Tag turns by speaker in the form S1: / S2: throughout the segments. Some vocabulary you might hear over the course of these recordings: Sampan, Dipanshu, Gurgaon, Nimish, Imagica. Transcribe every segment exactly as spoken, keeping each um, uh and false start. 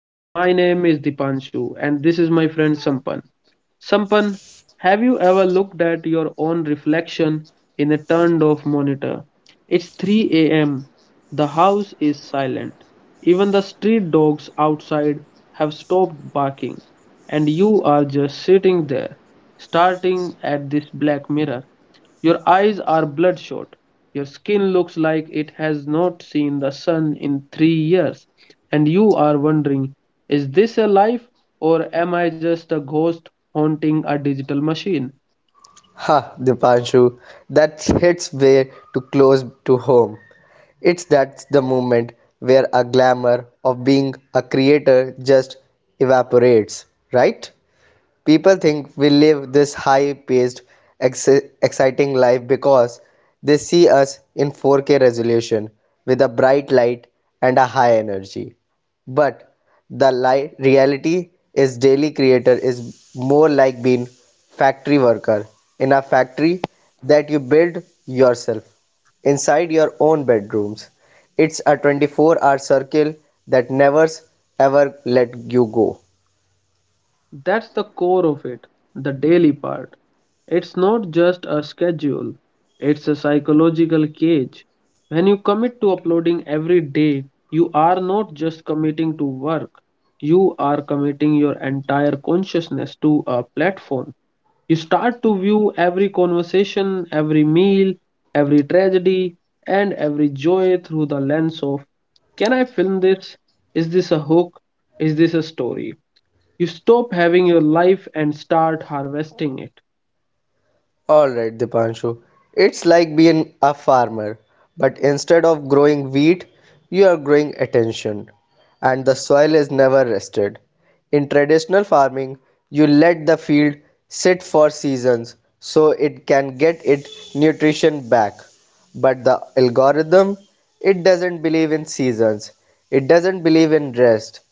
S1: My name is Dipanshu and this is my friend Sampan. Sampan, have you ever looked at your own reflection in a turned off monitor? It's three a m. The house is silent. Even the street dogs outside have stopped barking and you are just sitting there, starting at this black mirror. Your eyes are bloodshot. Your skin looks like it has not seen the sun in three years. And you are wondering, is this a life or am I just a ghost haunting a digital machine?
S2: Ha, Dipanshu, that hits way too close to home. It's that's the moment where a glamour of being a creator just evaporates, right? People think we live this high paced, exciting life because they see us in four K resolution with a bright light and a high energy. But the li- reality is daily creator is more like being factory worker in a factory that you build yourself inside your own bedrooms. It's a twenty-four hour circle that never ever let you go.
S1: That's the core of it, the daily part. It's not just a schedule, it's a psychological cage. When you commit to uploading every day, you are not just committing to work, you are committing your entire consciousness to a platform. You start to view every conversation, every meal, every tragedy, and every joy through the lens of: can I film this? Is this a hook? Is this a story? You stop having your life and start harvesting it.
S2: Alright, Dipanshu. It's like being a farmer, but instead of growing wheat, you are growing attention. And the soil is never rested. In traditional farming, you let the field sit for seasons so it can get its nutrition back. But the algorithm, it doesn't believe in seasons, it doesn't believe in rest.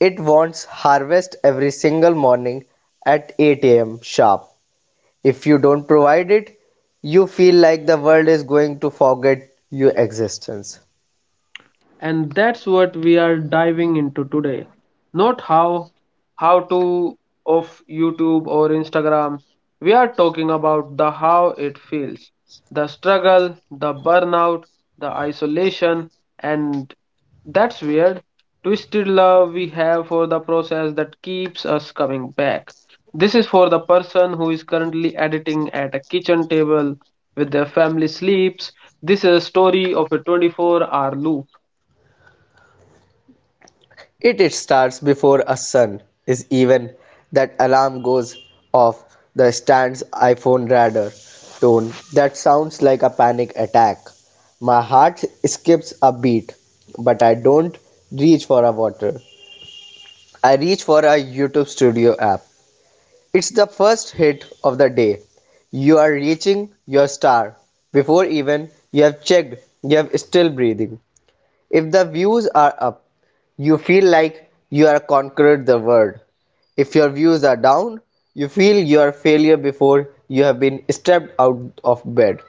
S2: It wants harvest every single morning at eight a m sharp. If you don't provide it, you
S1: एक
S2: feel like the world is going to forget your existence.
S1: and that's what we are diving into today. Not how how to of YouTube or Instagram. We are talking about the how it feels, the struggle, the burnout, the isolation, and that's weird twisted love we have for the process that keeps us coming back. This is for the person who is currently editing at a kitchen table with their family sleeps. This is a story of a twenty-four hour loop.
S2: It, it starts before a sun is even that alarm goes off the stand's iPhone radar tone that sounds like a panic attack. My heart skips a beat, but I don't reach for a water. I reach for a YouTube studio app. It's the first hit of the day. You are reaching your star. Before even you have checked, you are still breathing. If the views are up, you feel like you are conquered the world. If your views are down, you feel you are a failure before you have been stepped out of bed.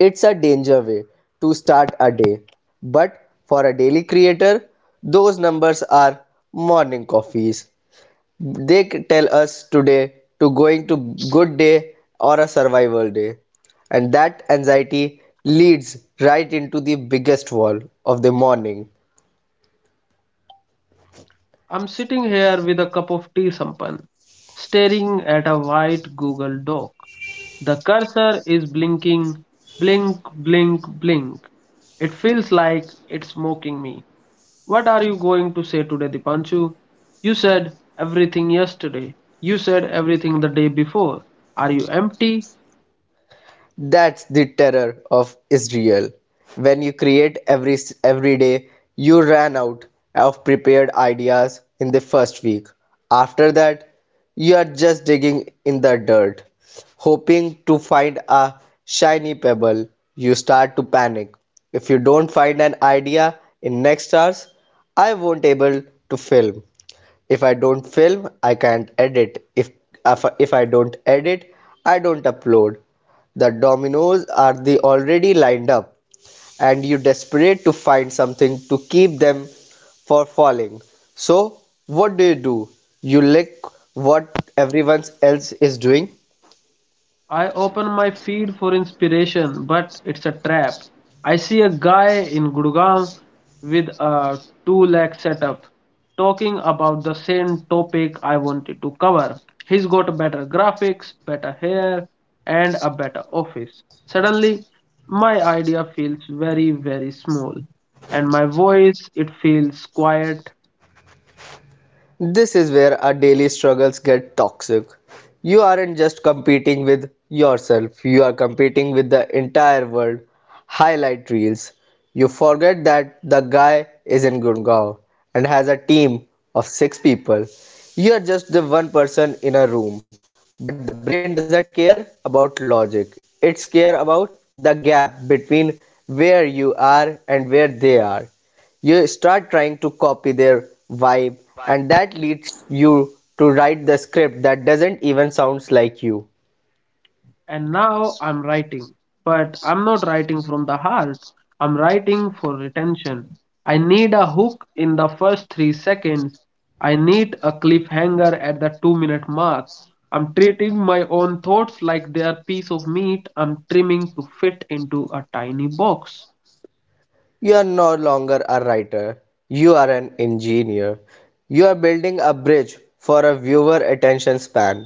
S2: It's a danger way to start a day. But for a daily creator, those numbers are morning coffees, they tell us today to going to good day or a survival day, and that anxiety leads right into the biggest wall of the morning.
S1: I'm sitting here with a cup of tea, Sampan, staring at a white Google Doc. The cursor is blinking, blink, blink, blink. It feels like it's mocking me. What are you going to say today, Dipanshu? You said everything yesterday. You said everything the day before. Are you empty?
S2: That's the terror of Israel. When you create every every day, you ran out of prepared ideas in the first week. After that, you are just digging in the dirt, hoping to find a shiny pebble. You start to panic. If you don't find an idea in next hours, I won't able to film. If I don't film, I can't edit. If, if, if I don't edit, I don't upload. The dominoes are the already lined up, and you desperate to find something to keep them for falling. So, what do you do? You lick what everyone else is doing.
S1: I open my feed for inspiration, but it's a trap. I see a guy in Gurgaon with a two lakh setup talking about the same topic I wanted to cover. He's got better graphics, better hair, and a better office. Suddenly, my idea feels very, very small, and my voice it feels quiet.
S2: This is where our daily struggles get toxic. You aren't just competing with yourself, you are competing with the entire world. Highlight reels. You forget that the guy is in Gurgaon and has a team of six people. You are just the one person in a room. But the brain doesn't care about logic, it's care about the gap between where you are and where they are. You start trying to copy their vibe, and that leads you to write the script that doesn't even sounds like you.
S1: And now I'm writing, but I'm not writing from the heart. I'm writing for retention. I need a hook in the first three seconds. I need a cliffhanger at the two minute mark. I'm treating my own thoughts like they are piece of meat I'm trimming fit into a tiny box.
S2: You are no longer a writer, you are an engineer, you are building a bridge for a viewer attention span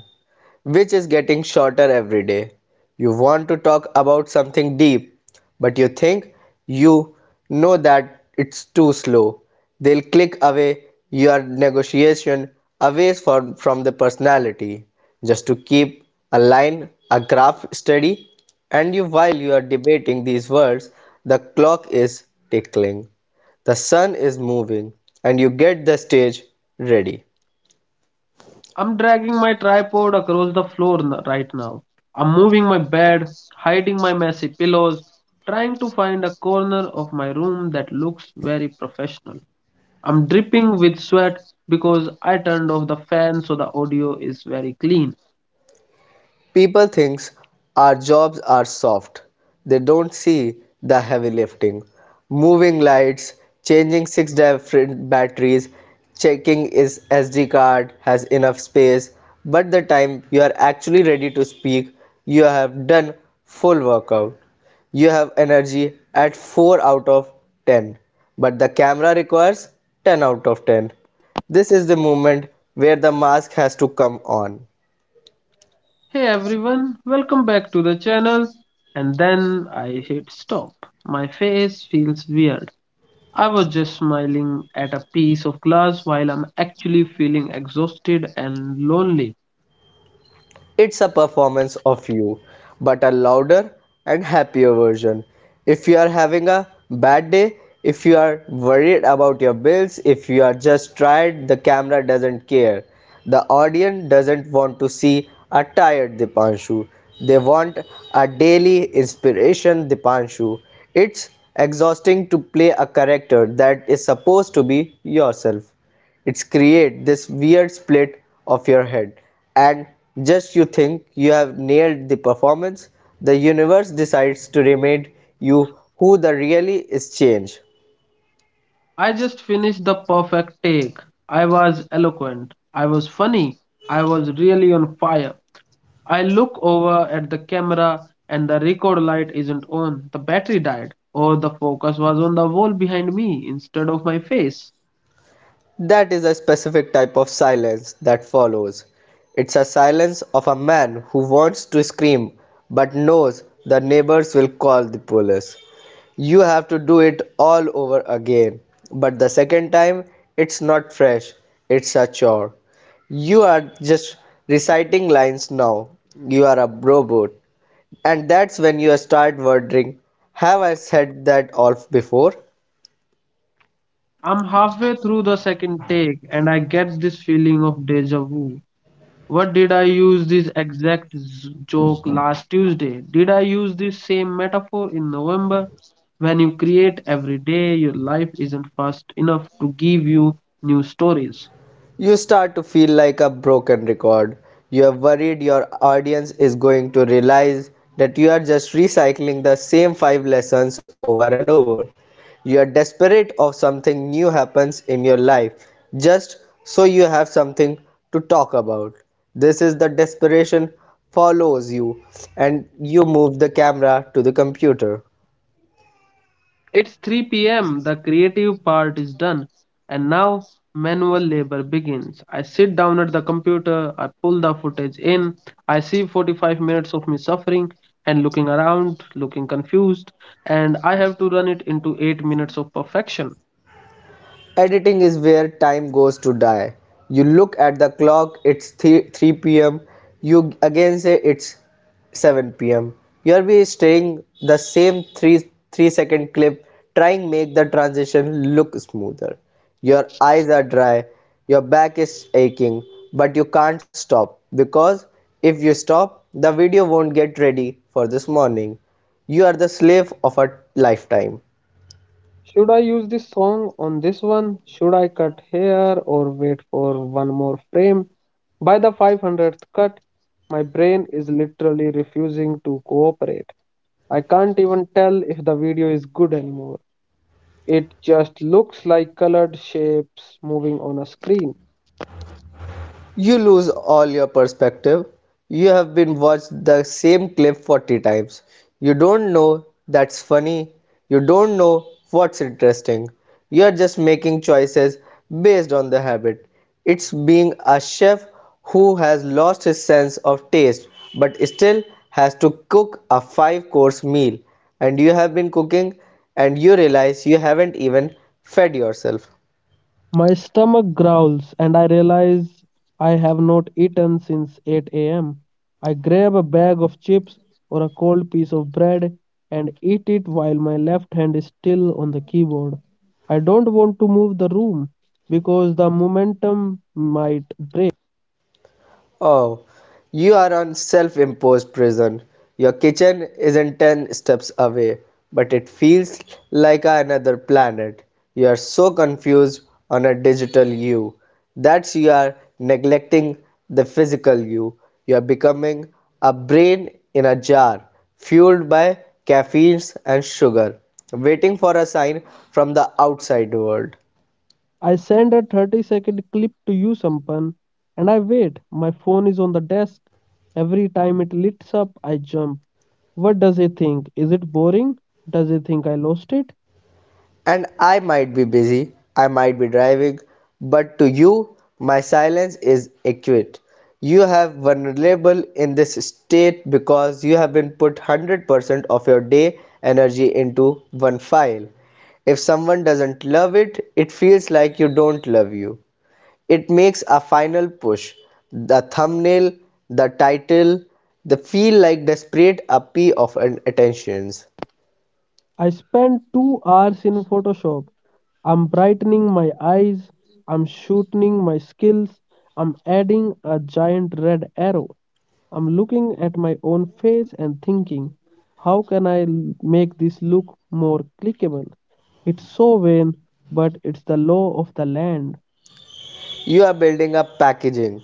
S2: which is getting shorter every day. You want to talk about something deep, but you think you know that it's too slow. They'll click away your negotiation away from, from the personality just to keep a line, a graph steady. And you, while you are debating these words, the clock is tickling. The sun is moving, and you get the stage ready.
S1: I'm dragging my tripod across the floor right now. I'm moving my bed, hiding my messy pillows, trying to find a corner of my room that looks very professional. I'm dripping with sweat because I turned off the fan so the audio is very clean.
S2: People thinks our jobs are soft. They don't see the heavy lifting. Moving lights, changing six different batteries, checking is S D card has enough space, but the time you are actually ready to speak, you have done full workout. You have energy at four out of ten, but the camera requires ten out of ten. This is the moment where the mask has to come on.
S1: Hey everyone, welcome back to the channel. And then I hit stop. My face feels weird. I was just smiling at a piece of glass while I'm actually feeling exhausted and lonely.
S2: It's a performance of you, but a louder and happier version. If you are having a bad day, if you are worried about your bills, if you are just tired, the camera doesn't care. The audience doesn't want to see a tired Dipanshu. They want a daily inspiration Dipanshu. It's exhausting to play a character that is supposed to be yourself. It's create this weird split of your head, and just you think you have nailed the performance, the universe decides to remind you who the really is change.
S1: I just finished the perfect take. I was eloquent. I was funny. I was really on fire. I look over at the camera and the record light isn't on. The battery died, or the focus was on the wall behind me instead of my face.
S2: That is a specific type of silence that follows. It's a silence of a man who wants to scream but knows the neighbors will call the police. You have to do it all over again. But the second time, it's not fresh, it's a chore. You are just reciting lines now. You are a robot. And that's when you start wondering, have I said that off before?
S1: I'm halfway through the second take and I get this feeling of deja vu. What did I use this exact z- joke last Tuesday? Did I use this same metaphor in November? When you create every day, your life isn't fast enough to give you new stories.
S2: You start to feel like a broken record. You are worried your audience is going to realize that you are just recycling the same five lessons over and over. You are desperate of something new happens in your life just so you have something to talk about. This is the desperation follows you, and you move the camera to the computer.
S1: It's three p m, the creative part is done, and now manual labor begins. I sit down at the computer, I pull the footage in, I see forty-five minutes of me suffering and looking around, looking confused, and I have to run it into eight minutes of perfection.
S2: Editing is where time goes to die. You look at the clock, it's three, pm. You again say it's seven p m. You'll be staying the same 3 3 second clip trying make the transition look smoother. Your eyes are dry, your back is aching, but you can't stop because if you stop, the video won't get ready for this morning. You are the slave of a lifetime.
S1: Should I use this song on this one? Should I cut here or wait for one more frame? By the five hundredth cut, my brain is literally refusing to cooperate. I can't even tell if the video is good anymore. It just looks like colored shapes moving on a screen.
S2: You lose all your perspective. You have been watched the same clip forty times. You don't know that's funny. You don't know what's interesting. You are just making choices based on the habit. It's being a chef who has lost his sense of taste but still has to cook a five course meal. And you have been cooking and you realize you haven't even fed yourself.
S1: My stomach growls and I realize I have not eaten since eight a m. I grab a bag of chips or a cold piece of bread and eat it while my left hand is still on the keyboard. I don't want to move the room because the momentum might.
S2: Oh, you are on self-imposed prison. Your kitchen isn't ten steps away, but it feels like another planet. You are so confused on a digital you. That's you are neglecting the physical you. You are becoming a brain in a jar, fueled by caffeine and sugar, waiting for a sign from the outside world.
S1: I send a thirty second clip to you, Sampan, and I wait. My phone is on the desk. Every time it lights up, I jump. What does he think? Is it boring? Does he think I lost it?
S2: And I might be busy, I might be driving, but to you, my silence is acute. You have vulnerable in this state because you have been put one hundred percent of your day energy into one file. If someone doesn't love it, it feels like you don't love you. It makes a final push. The thumbnail, the title, the feel like desperate appeal of an attentions.
S1: I spend two hours in Photoshop. I'm brightening my eyes. I'm shooting my skills. I'm adding a giant red arrow. I'm looking at my own face and thinking, how can I l- make this look more clickable? It's so vain, but it's the law of the land.
S2: You are building up packaging.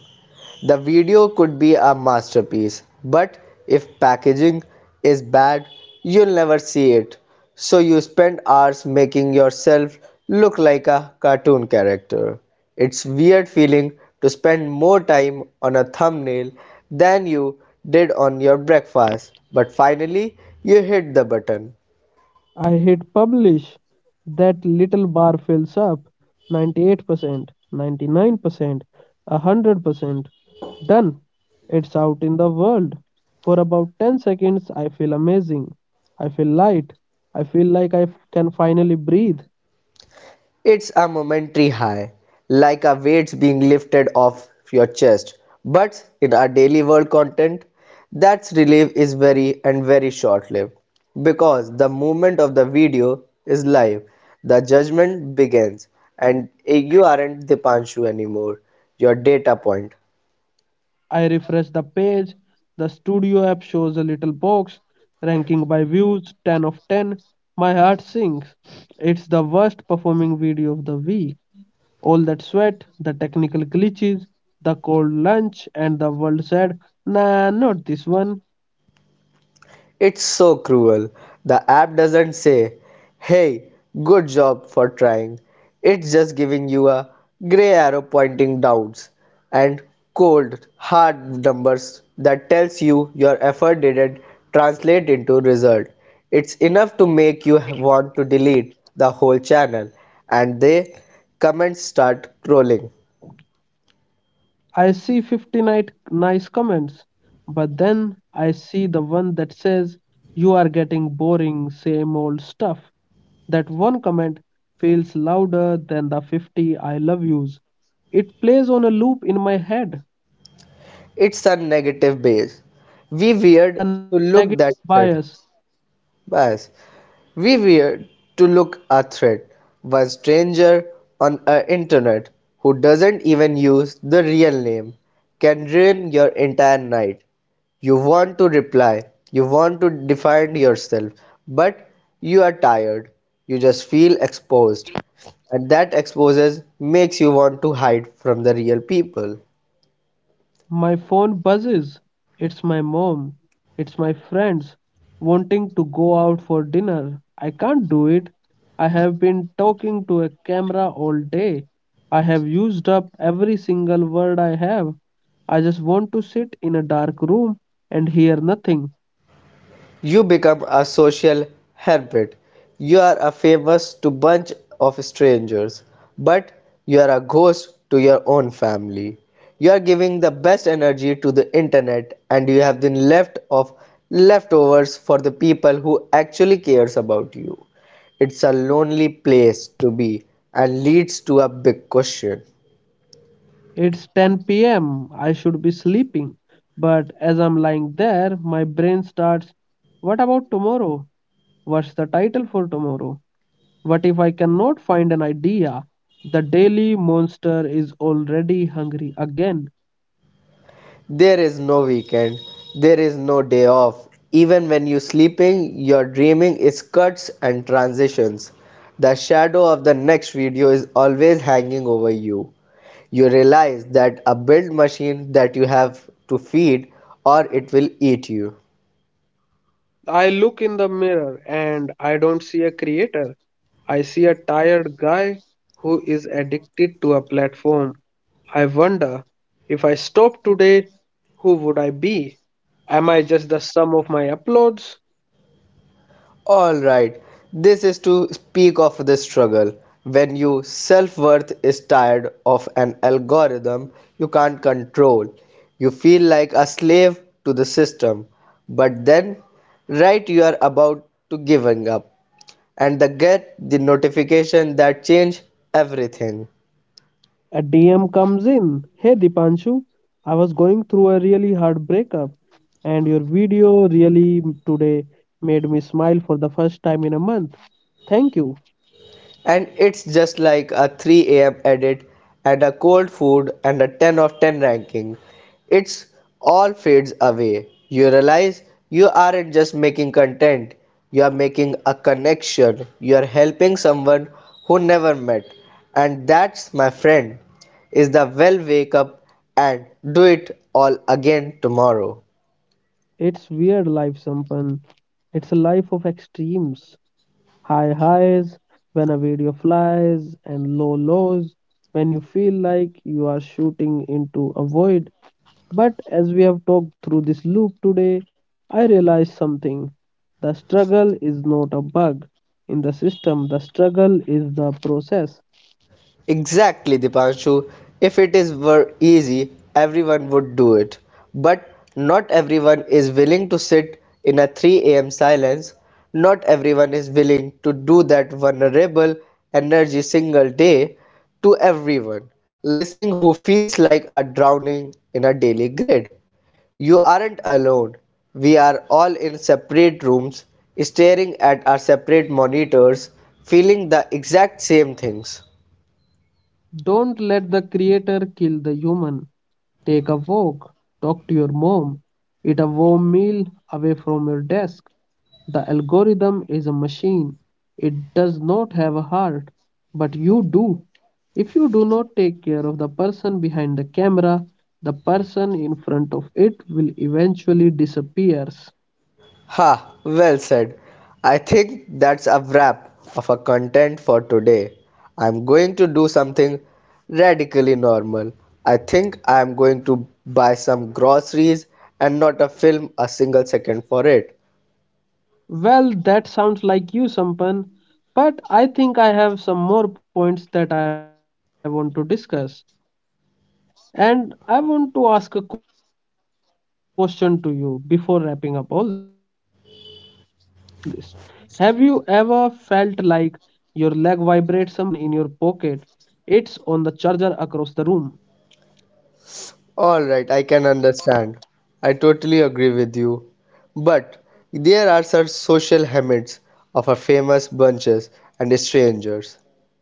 S2: The video could be a masterpiece, but if packaging is bad, you'll never see it. So you spend hours making yourself look like a cartoon character. It's weird feeling to spend more time on a thumbnail than you did on your breakfast, but finally you hit the button.
S1: I hit publish. That little bar fills up ninety-eight percent, ninety-nine percent, one hundred percent. Done. It's out in the world. For about ten seconds, I feel amazing. I feel light. I feel like I f- can finally breathe.
S2: It's a momentary high, like a weight being lifted off your chest. But in our daily world content, that relief is very and very short lived because the movement of the video is live. The judgment begins, and you aren't the Panshu anymore, your data point.
S1: I refresh the page. The studio app shows a little box ranking by views ten of ten. My heart sinks. It's the worst performing video of the week. All that sweat, the technical glitches, the cold lunch, and the world said, nah, not this one.
S2: It's so cruel. The app doesn't say, hey, good job for trying. It's just giving you a gray arrow pointing downs and cold, hard numbers that tells you your effort didn't translate into result. It's enough to make you want to delete the whole channel, and the comments start crawling.
S1: I see fifty night, nice comments, but then I see the one that says, you are getting boring, same old stuff. One comment feels louder than the fifty I love yous. It plays on a loop in my head.
S2: It's a negative base. We weird
S1: It's
S2: to
S1: the
S2: look
S1: negative
S2: that said.
S1: bias.
S2: Bias. We weird to look a threat, one stranger on a internet who doesn't even use the real name can ruin your entire night. You want to reply, you want to defend yourself, but you are tired. You just feel exposed, and that exposes makes you want to hide from the real people.
S1: My phone buzzes. It's my mom. It's my friends wanting to go out for dinner. I can't do it. I have been talking to a camera all day. I have used up every single word I have. I just want to sit in a dark room and hear nothing.
S2: You become a social hermit. You are a famous to bunch of strangers, but you are a ghost to your own family. You are giving the best energy to the internet and you have been left of leftovers for the people who actually cares about you. It's a lonely place to be and leads to a big question.
S1: It's ten p m. I should be sleeping. But as I'm lying there, my brain starts, what about tomorrow? What's the title for tomorrow? What if I cannot find an idea? The daily monster is already hungry again.
S2: There is no weekend. There is no day off. Even when you're sleeping, your dreaming is cuts and transitions. The shadow of the next video is always hanging over you. You realize that a build machine that you have to feed or it will eat you.
S1: I look in the mirror and I don't see a creator. I see a tired guy who is addicted to a platform. I wonder, if I stop today, who would I be? Am I just the sum of my uploads?
S2: All right, this is to speak of the struggle. When your self worth is tired of an algorithm you can't control, you feel like a slave to the system. But then, right, you are about to giving up, and the get the notification that change everything.
S1: A D M comes in. Hey Dipanshu, I was going through a really hard breakup, and your video really today made me smile for the first time in a month. Thank you.
S2: And it's just like a three a m edit and a cold food and a ten of ten ranking. It's all fades away. You realize you aren't just making content, you are making a connection. You are helping someone who never met. And that's my friend is the well wake up and do it all again tomorrow.
S1: It's weird life, Sampan. It's a life of extremes. High highs when a video flies, and low lows when you feel like you are shooting into a void. But as we have talked through this loop today, I realized something. The struggle is not a bug in the system, the struggle is the process.
S2: Exactly, Dipanshu. If it is were easy, everyone would do it. But not everyone is willing to sit in a three a m silence. Not everyone is willing to do that vulnerable energy single day to everyone listening who feels like a drowning in a daily grid. You aren't alone. We are all in separate rooms, staring at our separate monitors, feeling the exact same things.
S1: Don't let the creator kill the human. Take a walk, talk to your mom, eat a warm meal away from your desk. The algorithm is a machine. It does not have a heart, but you do. If you do not take care of the person behind the camera, the person in front of it will eventually disappears.
S2: Ha, well said. I think that's a wrap of our content for today. I'm going to do something radically normal. I think I'm going to buy some groceries and not a film a single second for it.
S1: Well, that sounds like you, Sampan, but I think I have some more points that I want to discuss. And I want to ask a question to you before wrapping up all this. Have you ever felt like your leg vibrates, Sampan? You reach your phone, but it's not even in your pocket, it's on the charger across the room.
S2: All right, I can understand. I totally agree with you. But there are such social hermits of our famous bunches and strangers,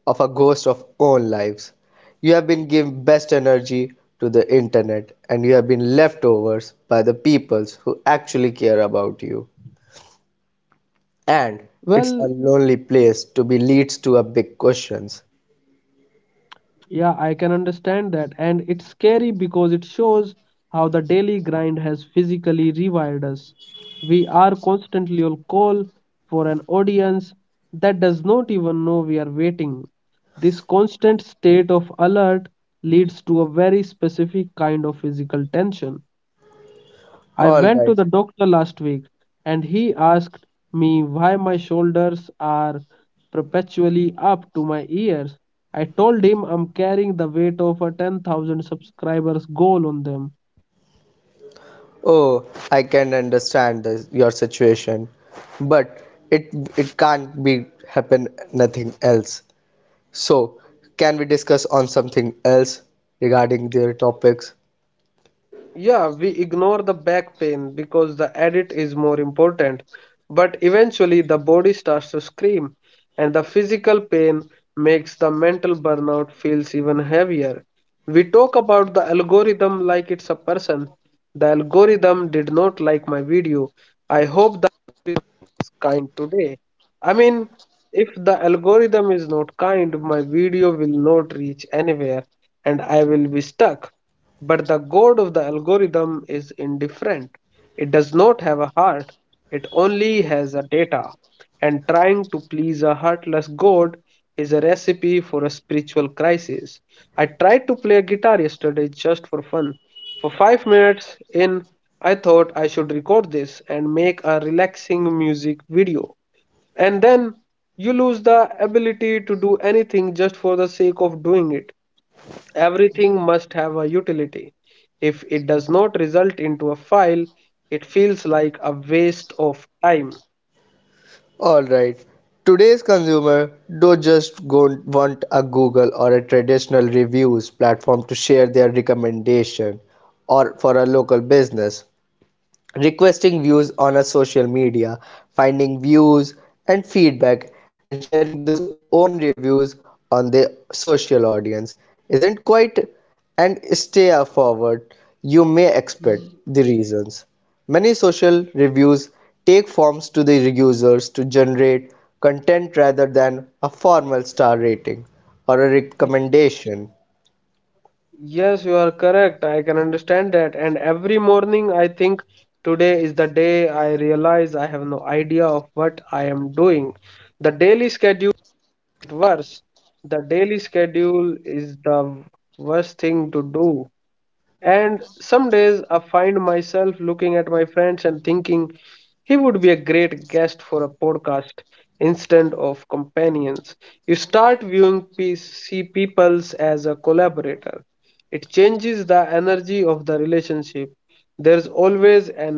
S2: of a ghost of own lives. You have been giving best energy to the internet and you have been leftovers by the peoples who actually care about you. And
S1: Well,
S2: it's a lonely place to be leads to a big questions.
S1: yeah, I can understand that. And it's scary because it shows how the daily grind has physically rewired us. We are constantly on call for an audience that does not even know we are waiting. This constant state of alert leads to a very specific kind of physical tension. I
S2: All
S1: went to
S2: right.
S1: the doctor last week and he asked me why my shoulders are perpetually up to my ears. I told him I'm carrying the weight of a ten thousand subscribers goal on them.
S2: Oh, I can understand this, your situation, but it it can't be happen nothing else. So, can we discuss on something else regarding their topics?
S1: Yeah, we ignore the back pain because the edit is more important. But eventually, the body starts to scream, and the physical pain makes the mental burnout feels even heavier. We talk about the algorithm like it's a person. The algorithm did not like my video. I hope was kind today. I mean, if the algorithm is not kind, my video will not reach anywhere and I will be stuck. But the god of the algorithm is indifferent. It does not have a heart, only has a data. And trying to please a heartless god is a recipe for a spiritual crisis. I tried to a guitar yesterday just for fun, for five minutes in, I thought I should record this and make a relaxing music video. And then you lose the ability to do anything just for the sake of doing it. Everything must have a utility. If it does not result into a file, it feels like a waste of time.
S2: All right. Today's consumer don't just go want a Google or a traditional reviews platform to share their recommendation or for a local business. Requesting views on a social media, finding views and feedback, and sharing those own reviews on their social audience isn't quite and stay forward. You may expect the reasons. Many social reviews take forms to the users to generate content rather than a formal star rating or a recommendation.
S1: Correct, I can understand that. And every morning, I think today is the day I realize I have no idea of what I am doing. The daily schedule Worse, the daily schedule is the worst thing to do. And some days I find myself looking at my friends and thinking he would be a great guest for a podcast instead of companions. You start viewing pe- see peoples as a collaborator. It changes the energy of the relationship. There's always an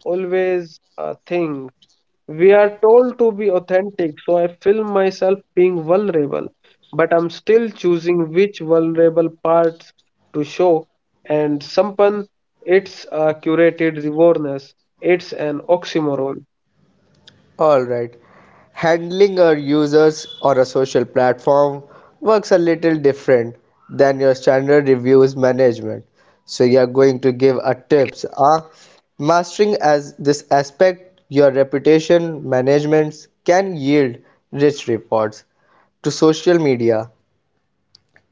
S1: there's always a thing. We are told to be authentic, so I feel myself being vulnerable, but I'm still choosing which vulnerable parts to show. And someone, it's a curated rewarness, it's an oxymoron.
S2: All right. Handling your users or a social platform works a little different than your standard reviews management. So you are going to give a tips. Uh, mastering as this aspect, your reputation management can yield rich reports to social media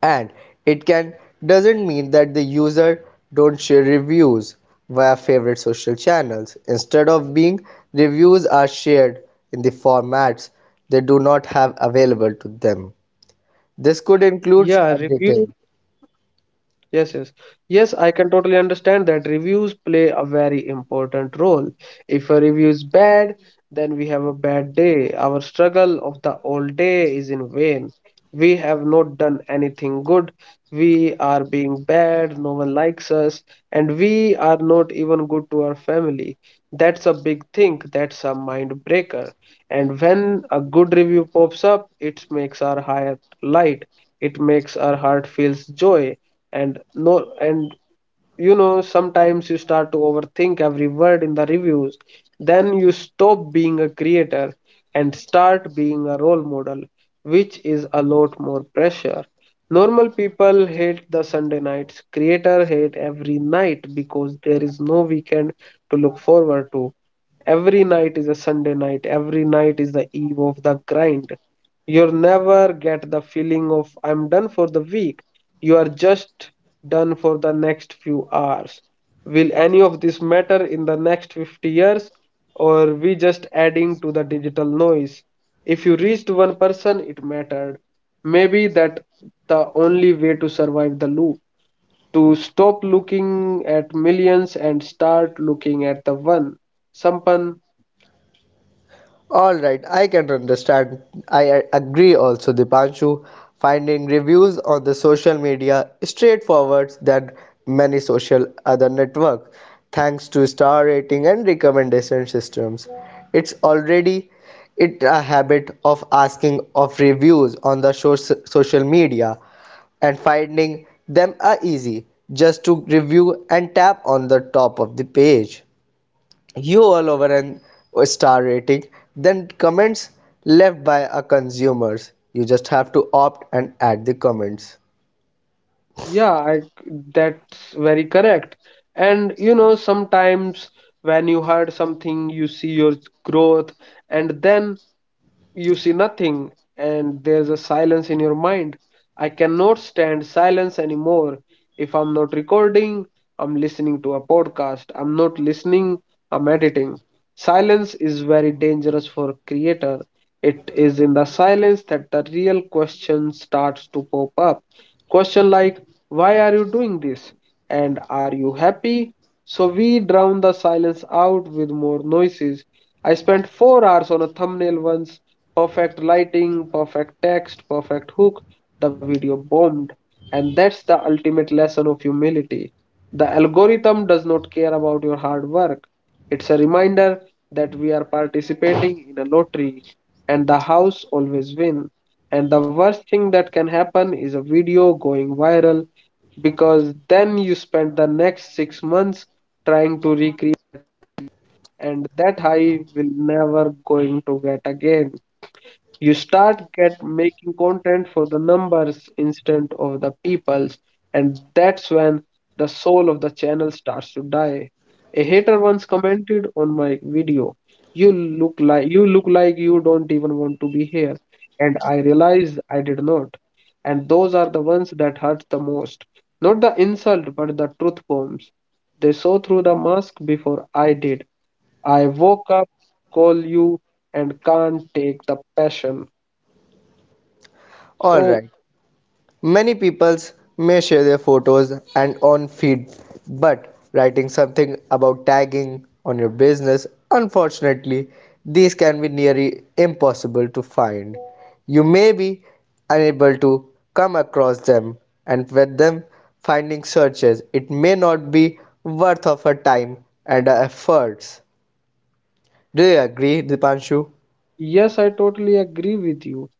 S2: and it can doesn't mean that the user don't share reviews via favorite social channels. Instead of being reviews are shared in the formats they do not have available to them. This could include
S1: Yeah,
S2: a
S1: review
S2: detail.
S1: Yes, yes. Yes, I can totally that reviews play a very important role. If a review is bad, then we have a bad day. Our struggle of the old day is in vain. We have not done anything good. We are being bad, no one likes us, and we even good to our family. That's a big thing. That's a mind breaker. And when a good review pops up, it makes our heart light, it makes our heart feels joy and no and you know, sometimes you start to overthink every word in the reviews. Then you stop being a creator and start being a role model, which is a lot more pressure. Normal people hate the Sunday nights. Creator hate every night because there is no weekend to look forward to. Every night is a Sunday night. Every night is the eve of the grind. You'll never get the feeling of I'm done for the week. You are just done for the next few hours. Will any of this matter in the next fifty years, or we just adding to the digital noise? If you reached one person, it mattered. Maybe that the only way to survive the loop, to stop looking at millions and start looking at the one. Sampan,
S2: All right, I can understand. I a- agree also, Dipanshu. Finding reviews on the social media is straightforward than many social other network, thanks to star rating and recommendation systems. It's already it a habit of asking of reviews on the so- social media and finding them are easy just to review and tap on the top of the page you all over an a star rating then comments left by our consumers you just have to opt and add the comments.
S1: Yeah, I, that's very correct. And you know, sometimes when you heard something, you see your growth, and then you see nothing, and there's a silence in your mind. I cannot stand silence anymore. If I'm not recording, I'm listening to a podcast. I'm not listening, I'm editing. Silence is very dangerous for creator. It is in the silence that the real question starts to pop up. Question like, why are you doing this? And are you happy? So we drown the silence out with more noises. I spent four hours on a thumbnail once. Perfect lighting, perfect text, perfect hook. The video bombed. And that's the ultimate lesson of humility. The algorithm does not care about your hard work. It's a reminder that we are participating in a lottery and the house always wins. And the worst thing that can happen is a video going viral, because then you spend the next six months trying to recreate, and that high will never going to get again. You start get making content for the numbers instead of the peoples, and that's when the soul of the channel starts to die. A hater once commented on my video, you look like you look like you don't even want to be here. And I realized I and those are the ones that hurt the most, not the insult but the truth bombs. They saw through the mask before I did. I woke up, call you, and can't take the passion.
S2: All
S1: So,
S2: right. Many peoples may share their photos and on feed, but writing something about tagging on your business, unfortunately, these can be nearly impossible to find. You may be unable to come across them, and with them finding searches, it may not be worth of our time and our efforts. Do you agree, Dipanshu?
S1: yes, I totally agree with you.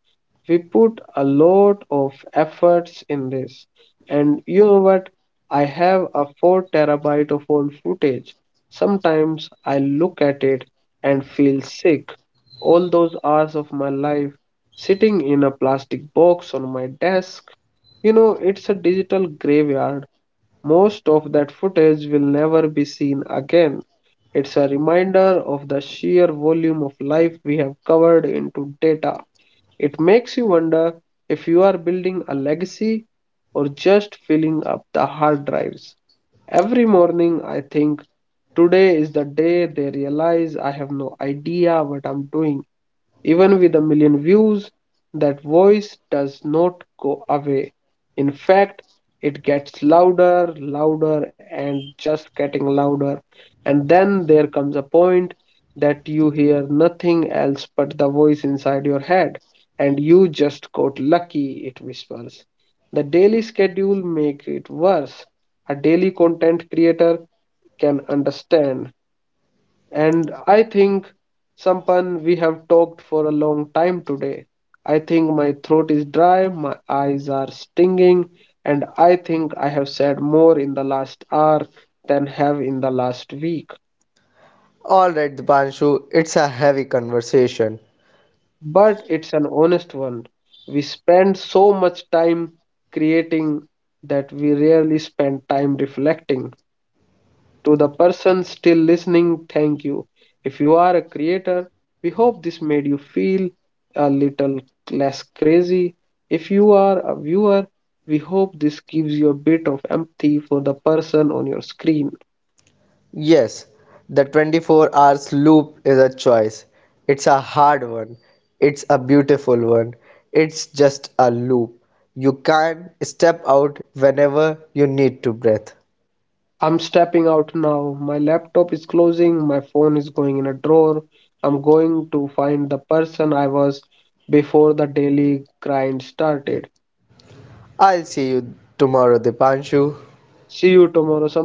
S1: We put a lot of efforts in this. And you know what? I have a four terabyte of old footage. Sometimes I look at it and feel sick. All those hours of my life sitting in a plastic box on my desk. You know, it's a digital graveyard. Most of that footage will never be seen again. It's a reminder of the sheer volume of life we have covered into data. It makes you wonder if you are building a legacy or just filling up the hard drives. Every morning, I think today is the day they realize I have no idea what I'm doing. Even with a million views, that voice does not go away. In fact, it gets louder, louder, and just getting louder. And then there comes a point that you hear nothing else but the voice inside your head, and you just got lucky, it whispers. The daily schedule makes it worse. A daily content creator can understand. And I think, Sampan, we have talked for a long time today. I think my throat is dry, my eyes are stinging, and I think I have said more in the last hour than have in the last week.
S2: Alright, Dipanshu, it's a heavy conversation.
S1: But it's an honest one. We spend so much time creating that we rarely spend time reflecting. To the person still listening, thank you. If you are a creator, we hope this made you feel a little less crazy. If you are a viewer, we hope this gives you a bit of empathy for the person on your screen.
S2: Yes, the twenty-four hours loop is a choice. It's a hard one. It's a beautiful one. It's just a loop. You can step out whenever you need to breathe.
S1: I'm stepping out now. My laptop is closing, my phone is going in a drawer. I'm going to find the person I was before the daily grind started.
S2: I'll see you tomorrow, Dipanshu.
S1: See you tomorrow. So,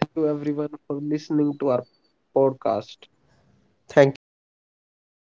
S1: thank you everyone for listening to our podcast.
S2: Thank you, everyone.